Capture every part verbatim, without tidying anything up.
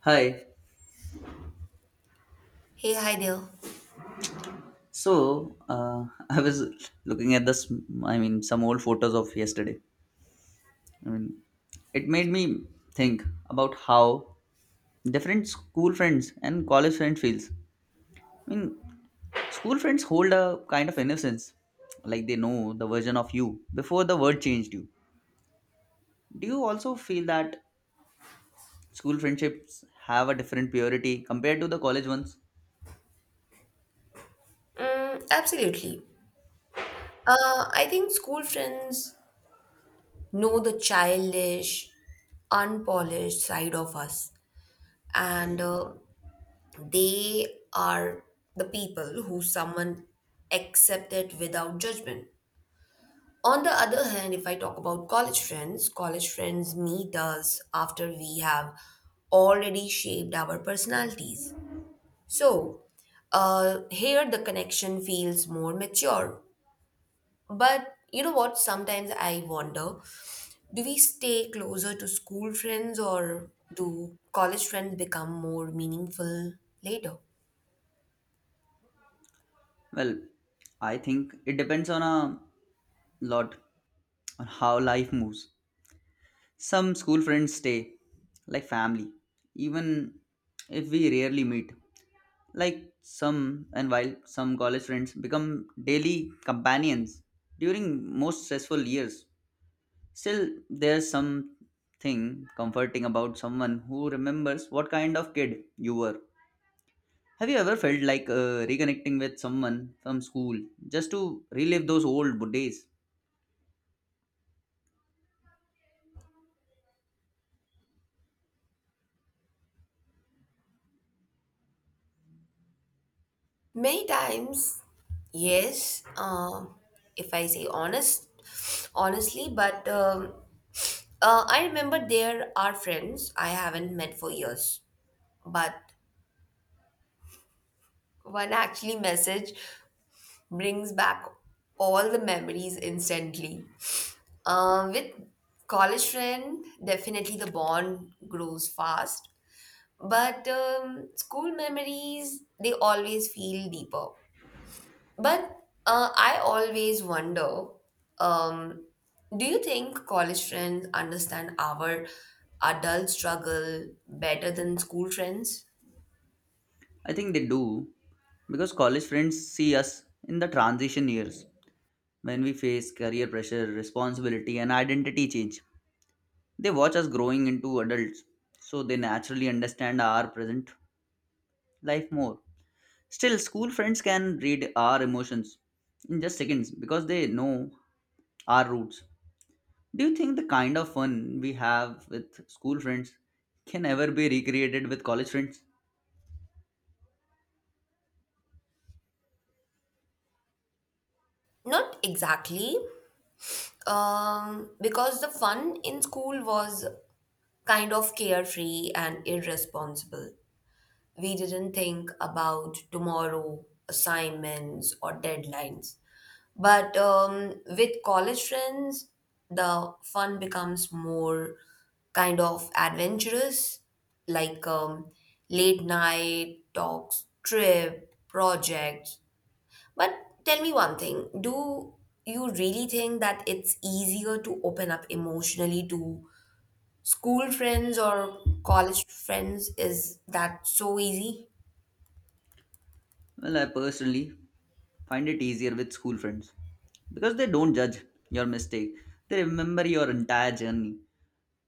Hi. Hey, hi there. So uh, I was looking at this. I mean, some old photos of yesterday. I mean, it made me think about how different school friends and college friends feels. I mean, School friends hold a kind of innocence, like they know the version of you before the world changed you. Do you also feel that school friendships have a different purity compared to the college ones? Mm, absolutely. Uh, I think school friends know the childish, unpolished side of us, and uh, they are the people who someone accepted without judgment. On the other hand, if I talk about college friends, college friends meet us after we have already shaped our personalities. So, uh, here the connection feels more mature. But you know what? Sometimes I wonder, do we stay closer to school friends or do college friends become more meaningful later? Well, I think it depends on a lot on how life moves. Some school friends stay like family, even if we rarely meet. Like some, and while some college friends become daily companions during most stressful years, still there's something comforting about someone who remembers what kind of kid you were. Have you ever felt like uh, reconnecting with someone from school just to relive those old days? Many times, yes, um, if I say honest, honestly, but um, uh, I remember there are friends I haven't met for years, but one actually message brings back all the memories instantly. Uh, with college friend, definitely the bond grows fast. But um, school memories, they always feel deeper. But uh, I always wonder, um, do you think college friends understand our adult struggle better than school friends? I think they do because college friends see us in the transition years when we face career pressure, responsibility, and identity change. They watch us growing into adults, so they naturally understand our present life more. Still, school friends can read our emotions in just seconds because they know our roots. Do you think the kind of fun we have with school friends can ever be recreated with college friends? Not exactly, um, because the fun in school was kind of carefree and irresponsible. We didn't think about tomorrow, assignments, or deadlines. But um, with college friends, the fun becomes more kind of adventurous, like um, late night talks, trip, projects. But tell me one thing, do you really think that it's easier to open up emotionally to school friends or college friends? Is that so easy? Well, I personally find it easier with school friends because they don't judge your mistake, they remember your entire journey.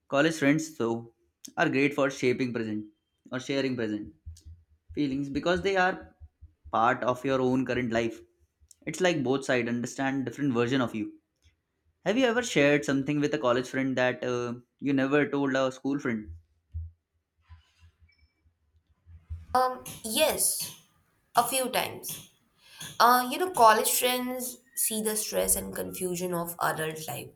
College friends, though, are great for shaping present or sharing present feelings because they are part of your own current life. It's like both sides understand different version of you. Have you ever shared something with a college friend that uh, you never told a school friend? Um, yes, a few times. Uh, you know, college friends see the stress and confusion of adult life.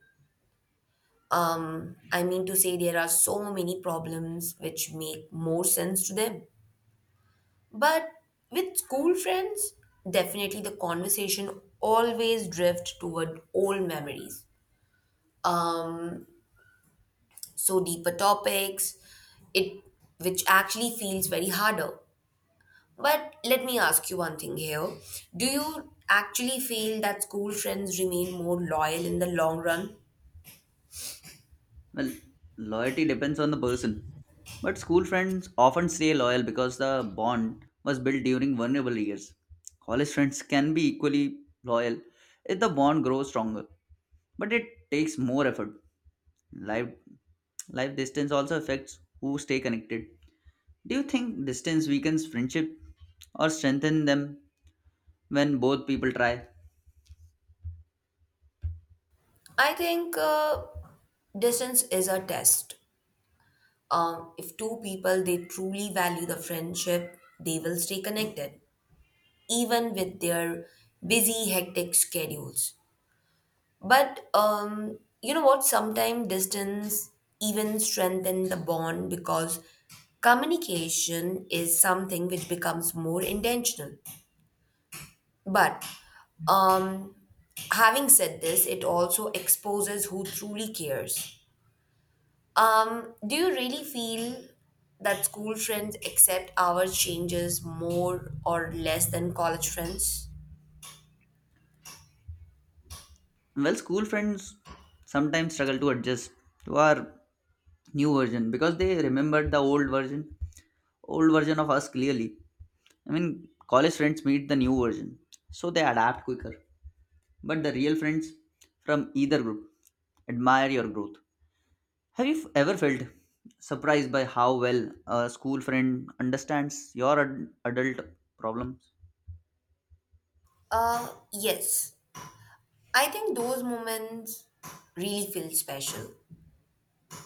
Um, I mean to say there are so many problems which make more sense to them. But with school friends, definitely the conversation always drift toward old memories. Um, so deeper topics, it which actually feels very harder. But let me ask you one thing here. Do you actually feel that school friends remain more loyal in the long run? Well, loyalty depends on the person, but school friends often stay loyal because the bond was built during vulnerable years. College friends can be equally loyal if the bond grows stronger, but it takes more effort. Life Life distance also affects who stay connected. Do you think distance weakens friendship or strengthen them when both people try? I think uh, distance is a test. Um, if two people they truly value the friendship, they will stay connected even with their busy, hectic schedules. But um, you know what? Sometimes distance even strengthen the bond because communication is something which becomes more intentional. But um, having said this, it also exposes who truly cares. Um, do you really feel that school friends accept our changes more or less than college friends? Well, school friends sometimes struggle to adjust to our new version because they remembered the old version, old version of us clearly. I mean, college friends meet the new version, so they adapt quicker. But the real friends from either group admire your growth. Have you f- ever felt surprised by how well a school friend understands your ad- adult problems? Uh, yes. I think those moments really feel special.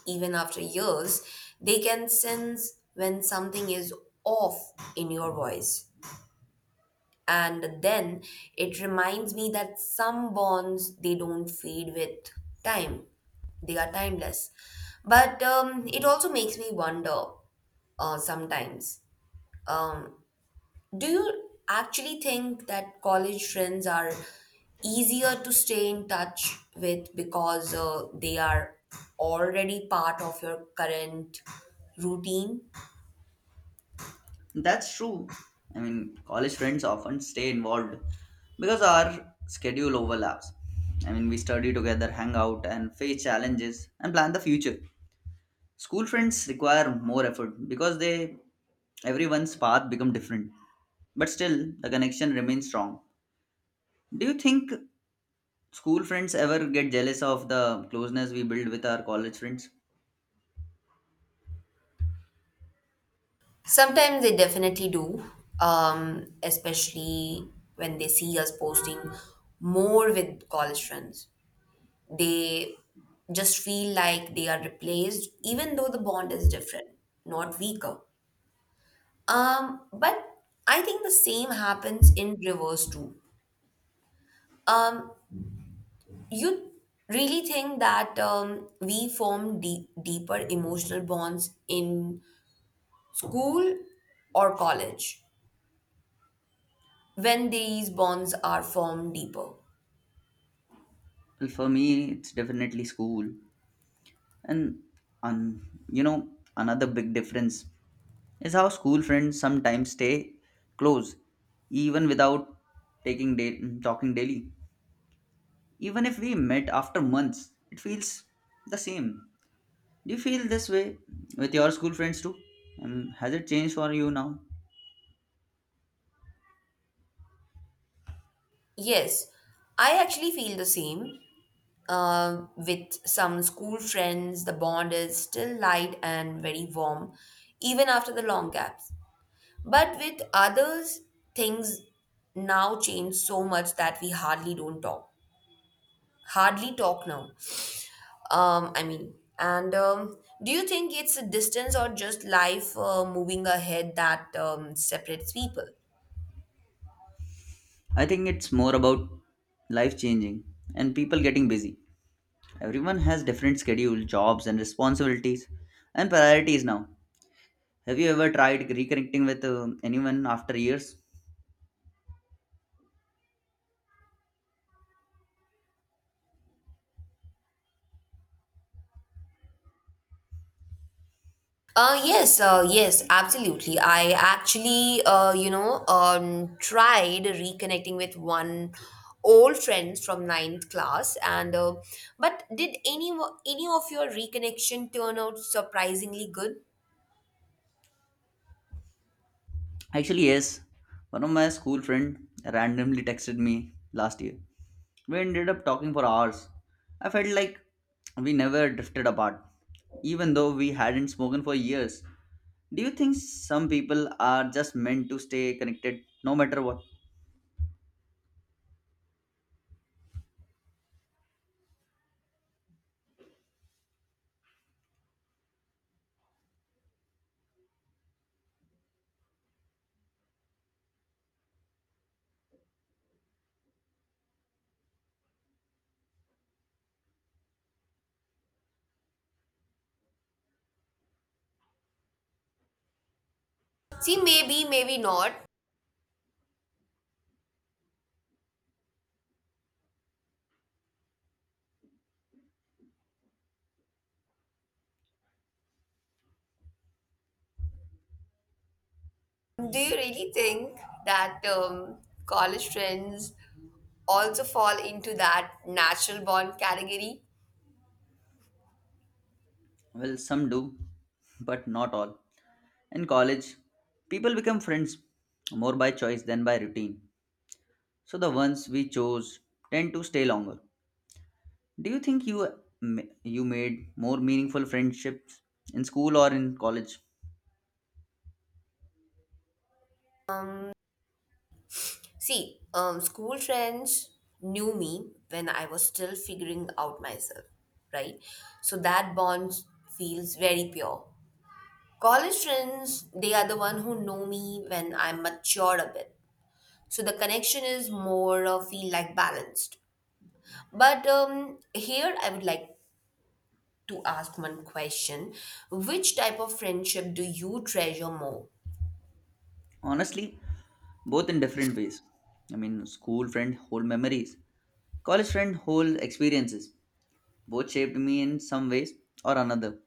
Even after years, they can sense when something is off in your voice. And then it reminds me that some bonds they don't fade with time. They are timeless. But um, it also makes me wonder uh, sometimes. Do you actually think that college friends are easier to stay in touch with because uh, they are already part of your current routine? That's true. I mean, college friends often stay involved because our schedule overlaps. I mean, we study together, hang out, and face challenges and plan the future. School friends require more effort because they everyone's path become different, but still the connection remains strong. Do you think school friends ever get jealous of the closeness we build with our college friends? Sometimes they definitely do, um, especially when they see us posting more with college friends. They just feel like they are replaced, even though the bond is different, not weaker. Um, but I think the same happens in reverse too. Um, you really think that um, we form deep, deeper emotional bonds in school or college, when these bonds are formed deeper? Well, for me, it's definitely school. And, un. You know, another big difference is how school friends sometimes stay close, even without taking da- talking daily. Even if we met after months, it feels the same. Do you feel this way with your school friends too? Um, has it changed for you now? Yes, I actually feel the same. Uh, with some school friends, the bond is still light and very warm, even after the long gaps. But with others, things now change so much that we hardly don't talk. Hardly talk now. Um, I mean, and um, do you think it's a distance or just life uh, moving ahead that um, separates people? I think it's more about life changing and people getting busy. Everyone has different schedule, jobs, and responsibilities and priorities now. Have you ever tried reconnecting with uh, anyone after years? Uh, yes, uh, yes, absolutely. I actually, uh, you know, um, tried reconnecting with one old friend from ninth class, and uh, but did any wo- any of your reconnection turn out surprisingly good? Actually, yes. One of my school friend randomly texted me last year. We ended up talking for hours. I felt like we never drifted apart, even though we hadn't spoken for years. Do you think some people are just meant to stay connected no matter what? See, maybe, maybe not. Do you really think that um, college friends also fall into that natural bond category? Well, some do, but not all. In college, people become friends more by choice than by routine. So the ones we chose tend to stay longer. Do you think you ma- you made more meaningful friendships in school or in college? See, um, school friends knew me when I was still figuring out myself, right? So that bond feels very pure. College friends, they are the one who know me when I'm matured a bit. So the connection is more uh, feel like balanced. But um, here I would like to ask one question: which type of friendship do you treasure more? Honestly, both in different ways. I mean, school friend whole memories, college friend whole experiences. Both shaped me in some ways or another.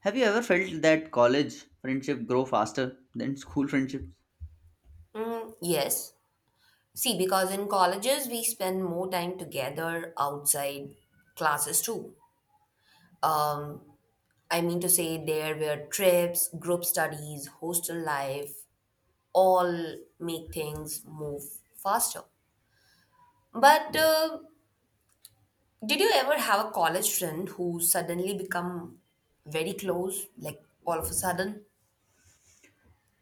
Have you ever felt that college friendship grow faster than school friendship? Mm, yes. See, because in colleges we spend more time together outside classes too. Um, I mean to say, there were trips, group studies, hostel life, all make things move faster. But uh, did you ever have a college friend who suddenly become very close, like all of a sudden?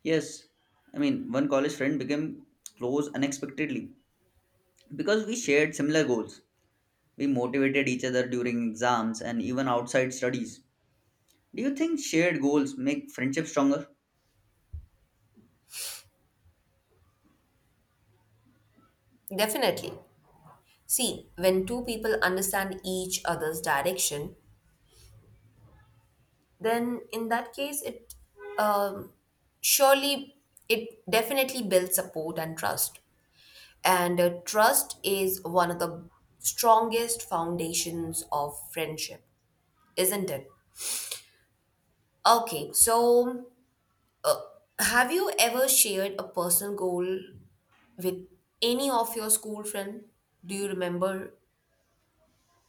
Yes, I mean, one college friend became close unexpectedly because we shared similar goals. We motivated each other during exams and even outside studies. Do you think shared goals make friendship stronger? Definitely. See, when two people understand each other's direction, then in that case it um, surely it definitely builds support and trust, and uh, trust is one of the strongest foundations of friendship, isn't it? Okay, so have you ever shared a personal goal with any of your school friend, do you remember?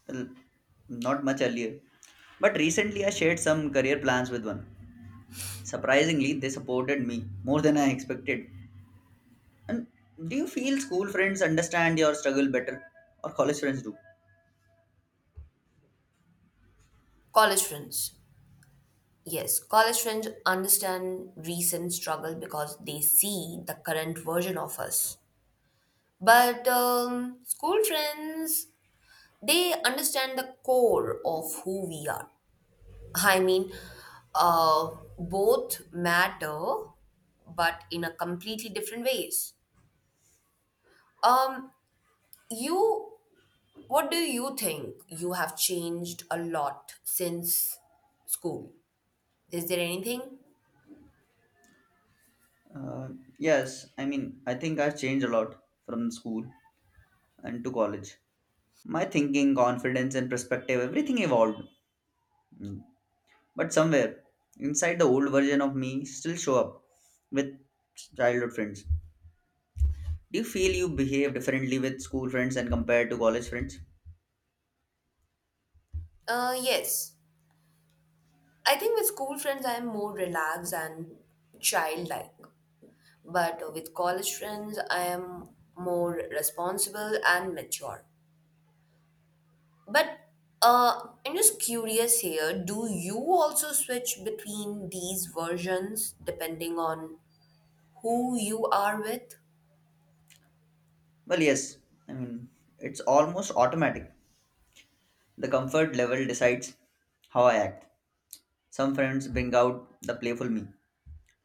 Well, not much earlier. But recently, I shared some career plans with one. Surprisingly, they supported me more than I expected. And do you feel school friends understand your struggle better, or college friends do? College friends. Yes, college friends understand recent struggle because they see the current version of us. But um, school friends, they understand the core of who we are. I mean, uh, both matter, but in a completely different ways. Um, you, what do you think? You have changed a lot since school. Is there anything? Uh, yes, I mean, I think I've changed a lot from school and to college. My thinking, confidence, and perspective, everything evolved. But somewhere inside the old version of me still show up with childhood friends. Do you feel you behave differently with school friends and compared to college friends? Uh, yes. I think with school friends, I am more relaxed and childlike. But with college friends, I am more responsible and mature. But uh, I'm just curious here, do you also switch between these versions depending on who you are with? Well, yes. I mean, it's almost automatic. The comfort level decides how I act. Some friends bring out the playful me.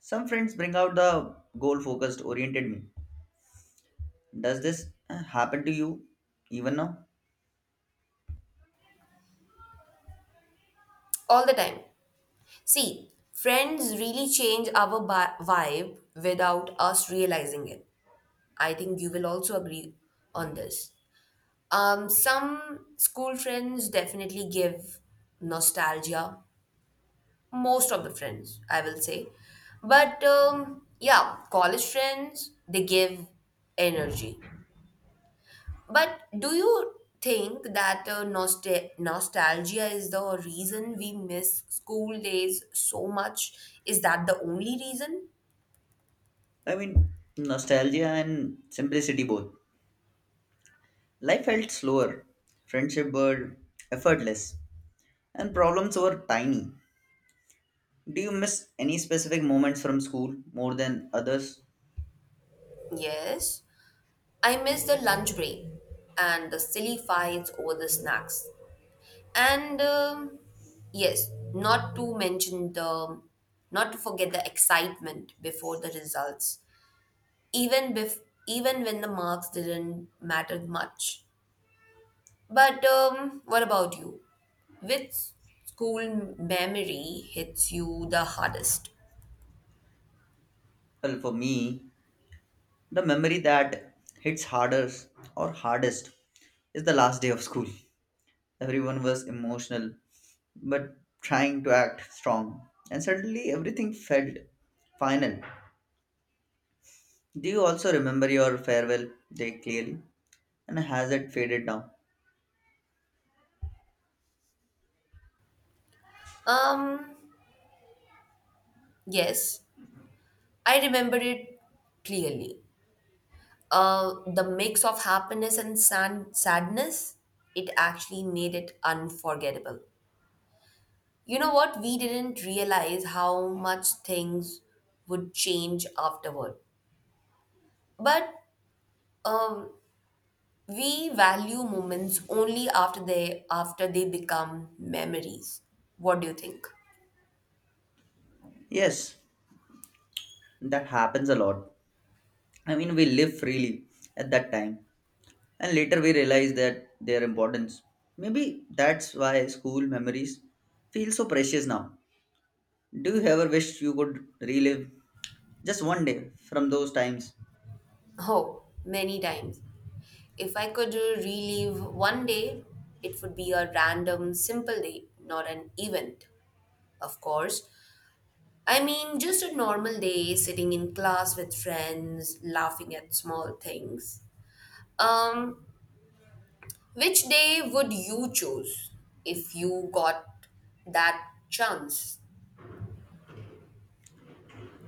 Some friends bring out the goal focused, oriented me. Does this uh, happen to you even now? All the time. See, friends really change our bi- vibe without us realizing it. I think you will also agree on this. Um, some school friends definitely give nostalgia, most of the friends I will say. But um, yeah, college friends they give energy. But do you think that uh, nostal- nostalgia is the reason we miss school days so much, is that the only reason? I mean, nostalgia and simplicity both. Life felt slower, friendship were effortless, and problems were tiny. Do you miss any specific moments from school more than others? Yes, I miss the lunch break and the silly fights over the snacks, and um, yes not to mention the not to forget the excitement before the results, even bef- even when the marks didn't matter much. But um, what about you? Which school memory hits you the hardest? Well, for me, the memory that hits harder or hardest is the last day of school. Everyone was emotional but trying to act strong, and suddenly everything felt final. Do you also remember your farewell day clearly? And has it faded now? Um, yes, I remember it clearly. Uh, the mix of happiness and san- sadness, it actually made it unforgettable. You know what? We didn't realize how much things would change afterward. But um, we value moments only after they after they become memories. What do you think? Yes, that happens a lot. I mean, we live freely at that time, and later we realize that their importance. Maybe that's why school memories feel so precious now. Do you ever wish you could relive just one day from those times? Oh, many times. If I could uh, relive one day, it would be a random simple day, not an event, of course. I mean, just a normal day sitting in class with friends, laughing at small things. Um, which day would you choose if you got that chance?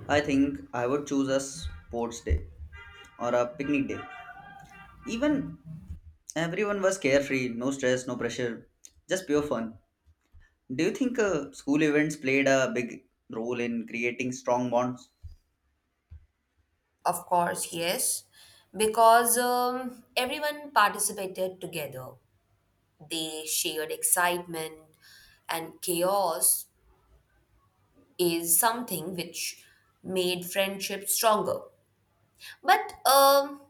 I think I would choose a sports day or a picnic day. Even everyone was carefree, no stress, no pressure, just pure fun. Do you think uh, school events played a big role in creating strong bonds? Of course, yes. Because um, everyone participated together. They shared excitement, and chaos is something which made friendship stronger. But um,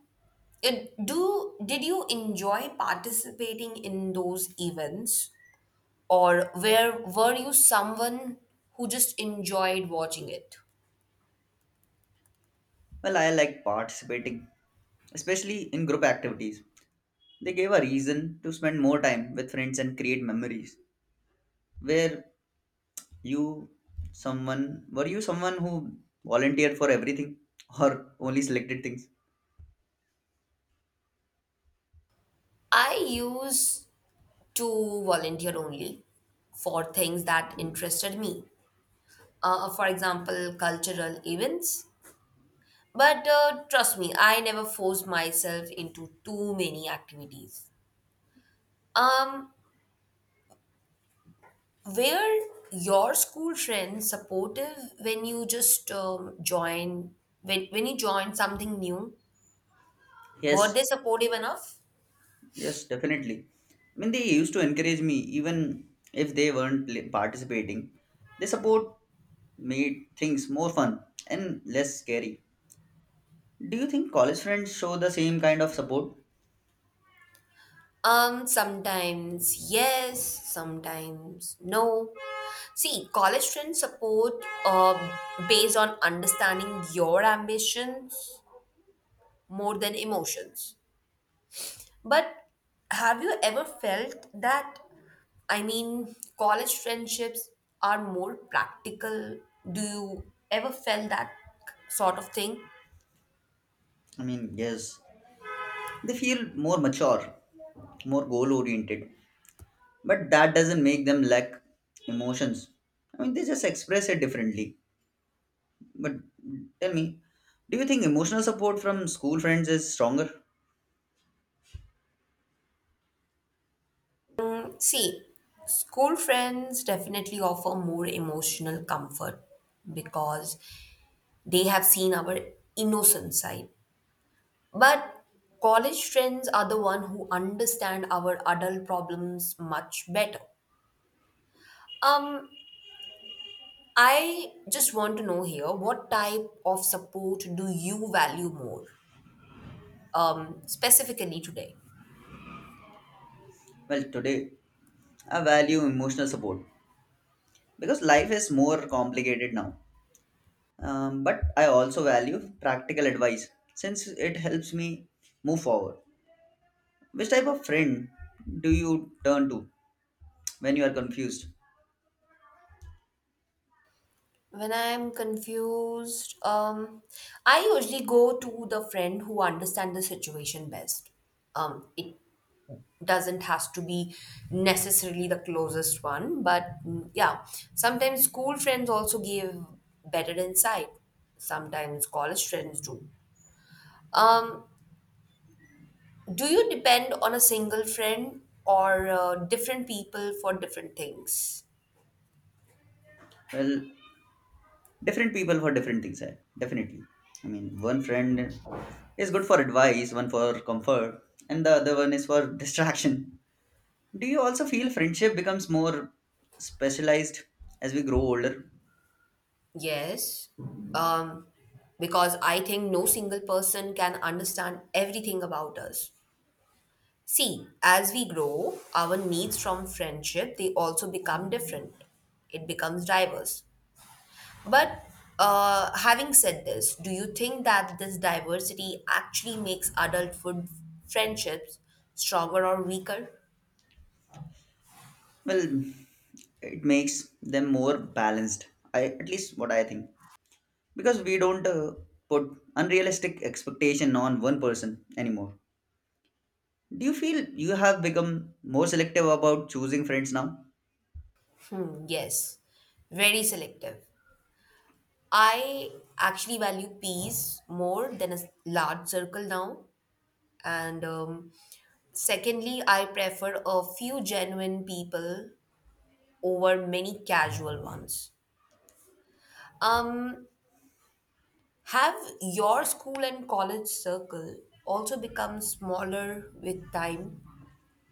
it- do did you enjoy participating in those events, or where were you someone who just enjoyed watching it? Well, I like participating, especially in group activities. They gave a reason to spend more time with friends and create memories. Where you someone Were you someone who volunteered for everything or only selected things? I used to volunteer only for things that interested me, uh, for example, cultural events. But uh, trust me, I never force myself into too many activities. Um, were your school friends supportive when you just um, join when when you joined something new? Were Yes. they supportive enough? Yes, definitely. I mean, they used to encourage me even if they weren't pl- participating. Their support made things more fun and less scary. Do you think college friends show the same kind of support? Um, sometimes yes, sometimes no. See, college friends support uh, based on understanding your ambitions more than emotions. But have you ever felt that, I mean, college friendships are more practical? Do you ever felt that sort of thing? I mean, yes. They feel more mature, more goal oriented, but that doesn't make them lack emotions. I mean, they just express it differently. But tell me, do you think emotional support from school friends is stronger? See, school friends definitely offer more emotional comfort because they have seen our innocent side. But college friends are the one who understand our adult problems much better. Um, I just want to know here what type of support do you value more, um, specifically today? Well, today I value emotional support because life is more complicated now. Um, but I also value practical advice since it helps me move forward. Which type of friend do you turn to when you are confused? When I'm confused, um, I usually go to the friend who understands the situation best. Um, it doesn't has to be necessarily the closest one, but mm, yeah, sometimes school friends also give better insight. Sometimes college friends do. Um, Do you depend on a single friend or uh, different people for different things? Well, different people for different things, eh? Definitely. I mean, one friend is good for advice, one for comfort, and the other one is for distraction. Do you also feel friendship becomes more specialized as we grow older? Yes. Um, because I think no single person can understand everything about us. See, as we grow, our needs from friendship they also become different. It becomes diverse. But uh, having said this, do you think that this diversity actually makes adulthood friendships stronger or weaker? Well, it makes them more balanced. I at least what I think because we don't uh, put unrealistic expectation on one person anymore. Do you feel you have become more selective about choosing friends now? Hmm, yes, very selective. I actually value peace more than a s- large circle now. And um, secondly, I prefer a few genuine people over many casual ones. Um, have your school and college circle also become smaller with time?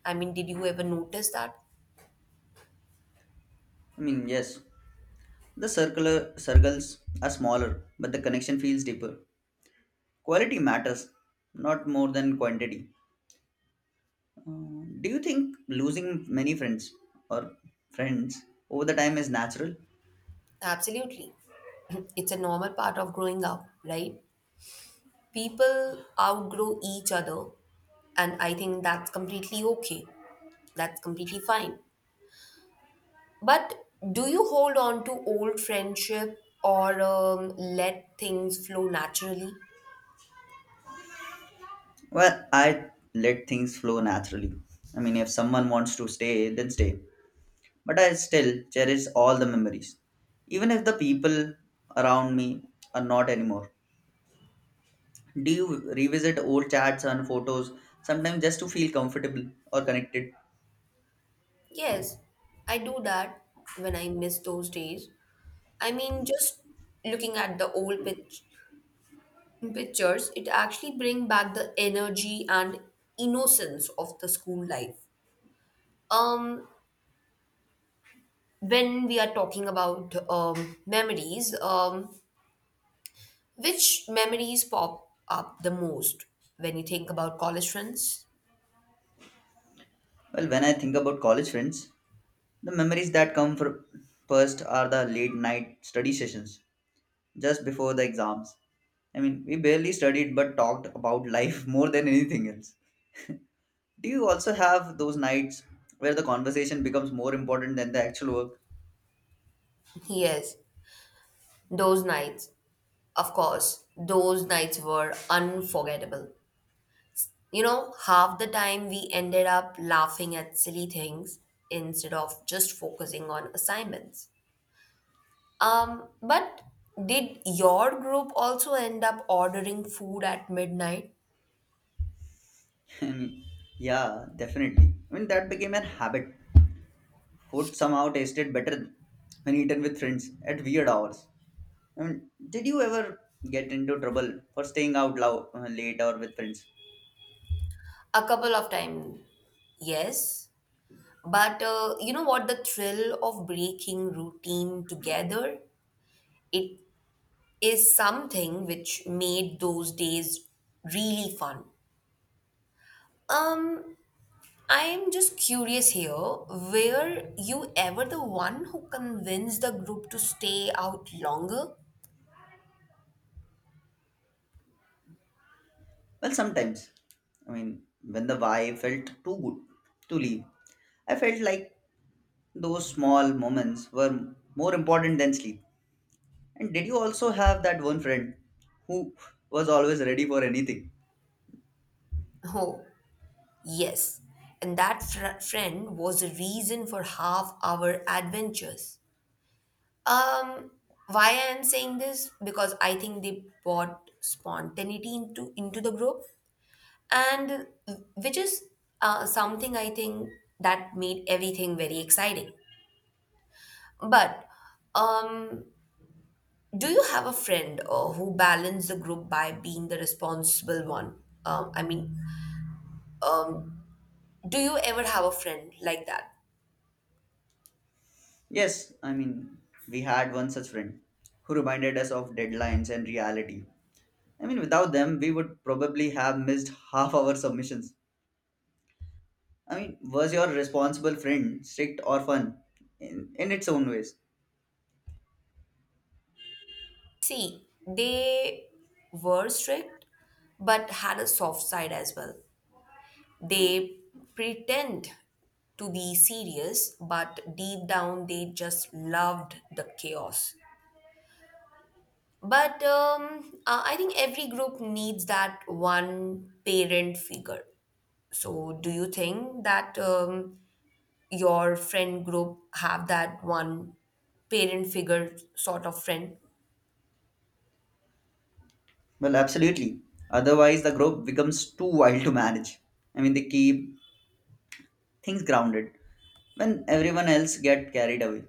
I mean, did you ever notice that? I mean, yes, the circular circles are smaller, but the connection feels deeper. Quality matters, not more than quantity. Uh, do you think losing many friends or friends over the time is natural? Absolutely. It's a normal part of growing up, right? People outgrow each other, and I think that's completely okay, that's completely fine. But do you hold on to old friendship or um, let things flow naturally? Well, I let things flow naturally. I mean, if someone wants to stay, then stay. But I still cherish all the memories, even if the people around me are not anymore. Do you revisit old chats and photos sometimes just to feel comfortable or connected? Yes, I do that when I miss those days. I mean, just looking at the old pic- pictures, it actually bring back the energy and innocence of the school life. um when we are talking about um memories, um which memories pop up the most when you think about college friends? Well, when I think about college friends, the memories that come fir- first are the late night study sessions just before the exams. I mean, we barely studied but talked about life more than anything else. Do you also have those nights where the conversation becomes more important than the actual work? Yes, those nights. Of course, those nights were unforgettable. You know, half the time we ended up laughing at silly things instead of just focusing on assignments. Um, but did your group also end up ordering food at midnight? I mean, yeah, definitely. I mean, that became an habit. Food somehow tasted better when eaten with friends at weird hours. I mean, did you ever get into trouble for staying out loud, uh, late or with friends? A couple of times, yes. But uh, you know what? The thrill of breaking routine together, it is something which made those days really fun. Um, I'm just curious here, were you ever the one who convinced the group to stay out longer? Well, sometimes. I mean, when the vibe felt too good to leave, I felt like those small moments were more important than sleep. And did you also have that one friend who was always ready for anything? Oh, yes. And that fr- friend was the reason for half our adventures. Um, why I am saying this? Because I think they brought spontaneity into into the group, and which is uh, something I think that made everything very exciting. But um, do you have a friend uh, who balanced the group by being the responsible one? Um, I mean, um, do you ever have a friend like that? Yes, I mean, we had one such friend who reminded us of deadlines and reality. I mean, without them, we would probably have missed half our submissions. I mean, was your responsible friend strict or fun in, in its own ways? See, they were strict, but had a soft side as well. They pretend to be serious, but deep down they just loved the chaos. But um, uh, I think every group needs that one parent figure. So, do you think that um, your friend group have that one parent figure sort of friend? Well, absolutely. Otherwise, the group becomes too wild to manage. I mean, they keep things grounded when everyone else get carried away.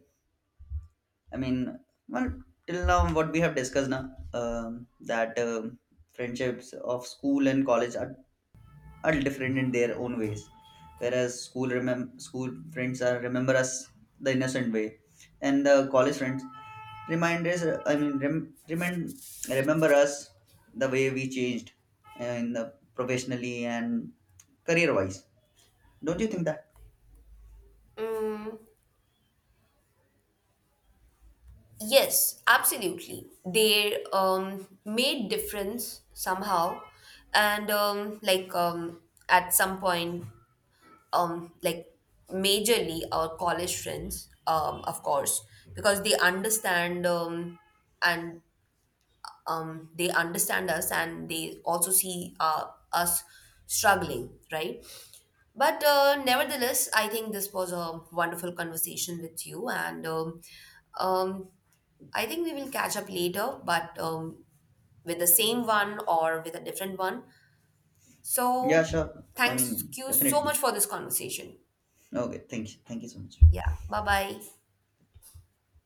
I mean, well, till now, what we have discussed now, um, that um friendships of school and college are, are different in their own ways. Whereas school remem- school friends are remember us the innocent way, and the college friends remind us. I mean, rem- remind remember us the way we changed, and uh, professionally and career wise. Don't you think that? Yes, absolutely. They um, made difference somehow, and um, like um, at some point um, like majorly our college friends, um, of course, because they understand um, and um, they understand us and they also see uh, us struggling, right? But uh, nevertheless, I think this was a wonderful conversation with you, and um, um, I think we will catch up later, but um, with the same one or with a different one. Yeah, So, sure. I thanks mean, you so definitely. much for this conversation. Okay, thank you. Thank you so much. Yeah, bye bye.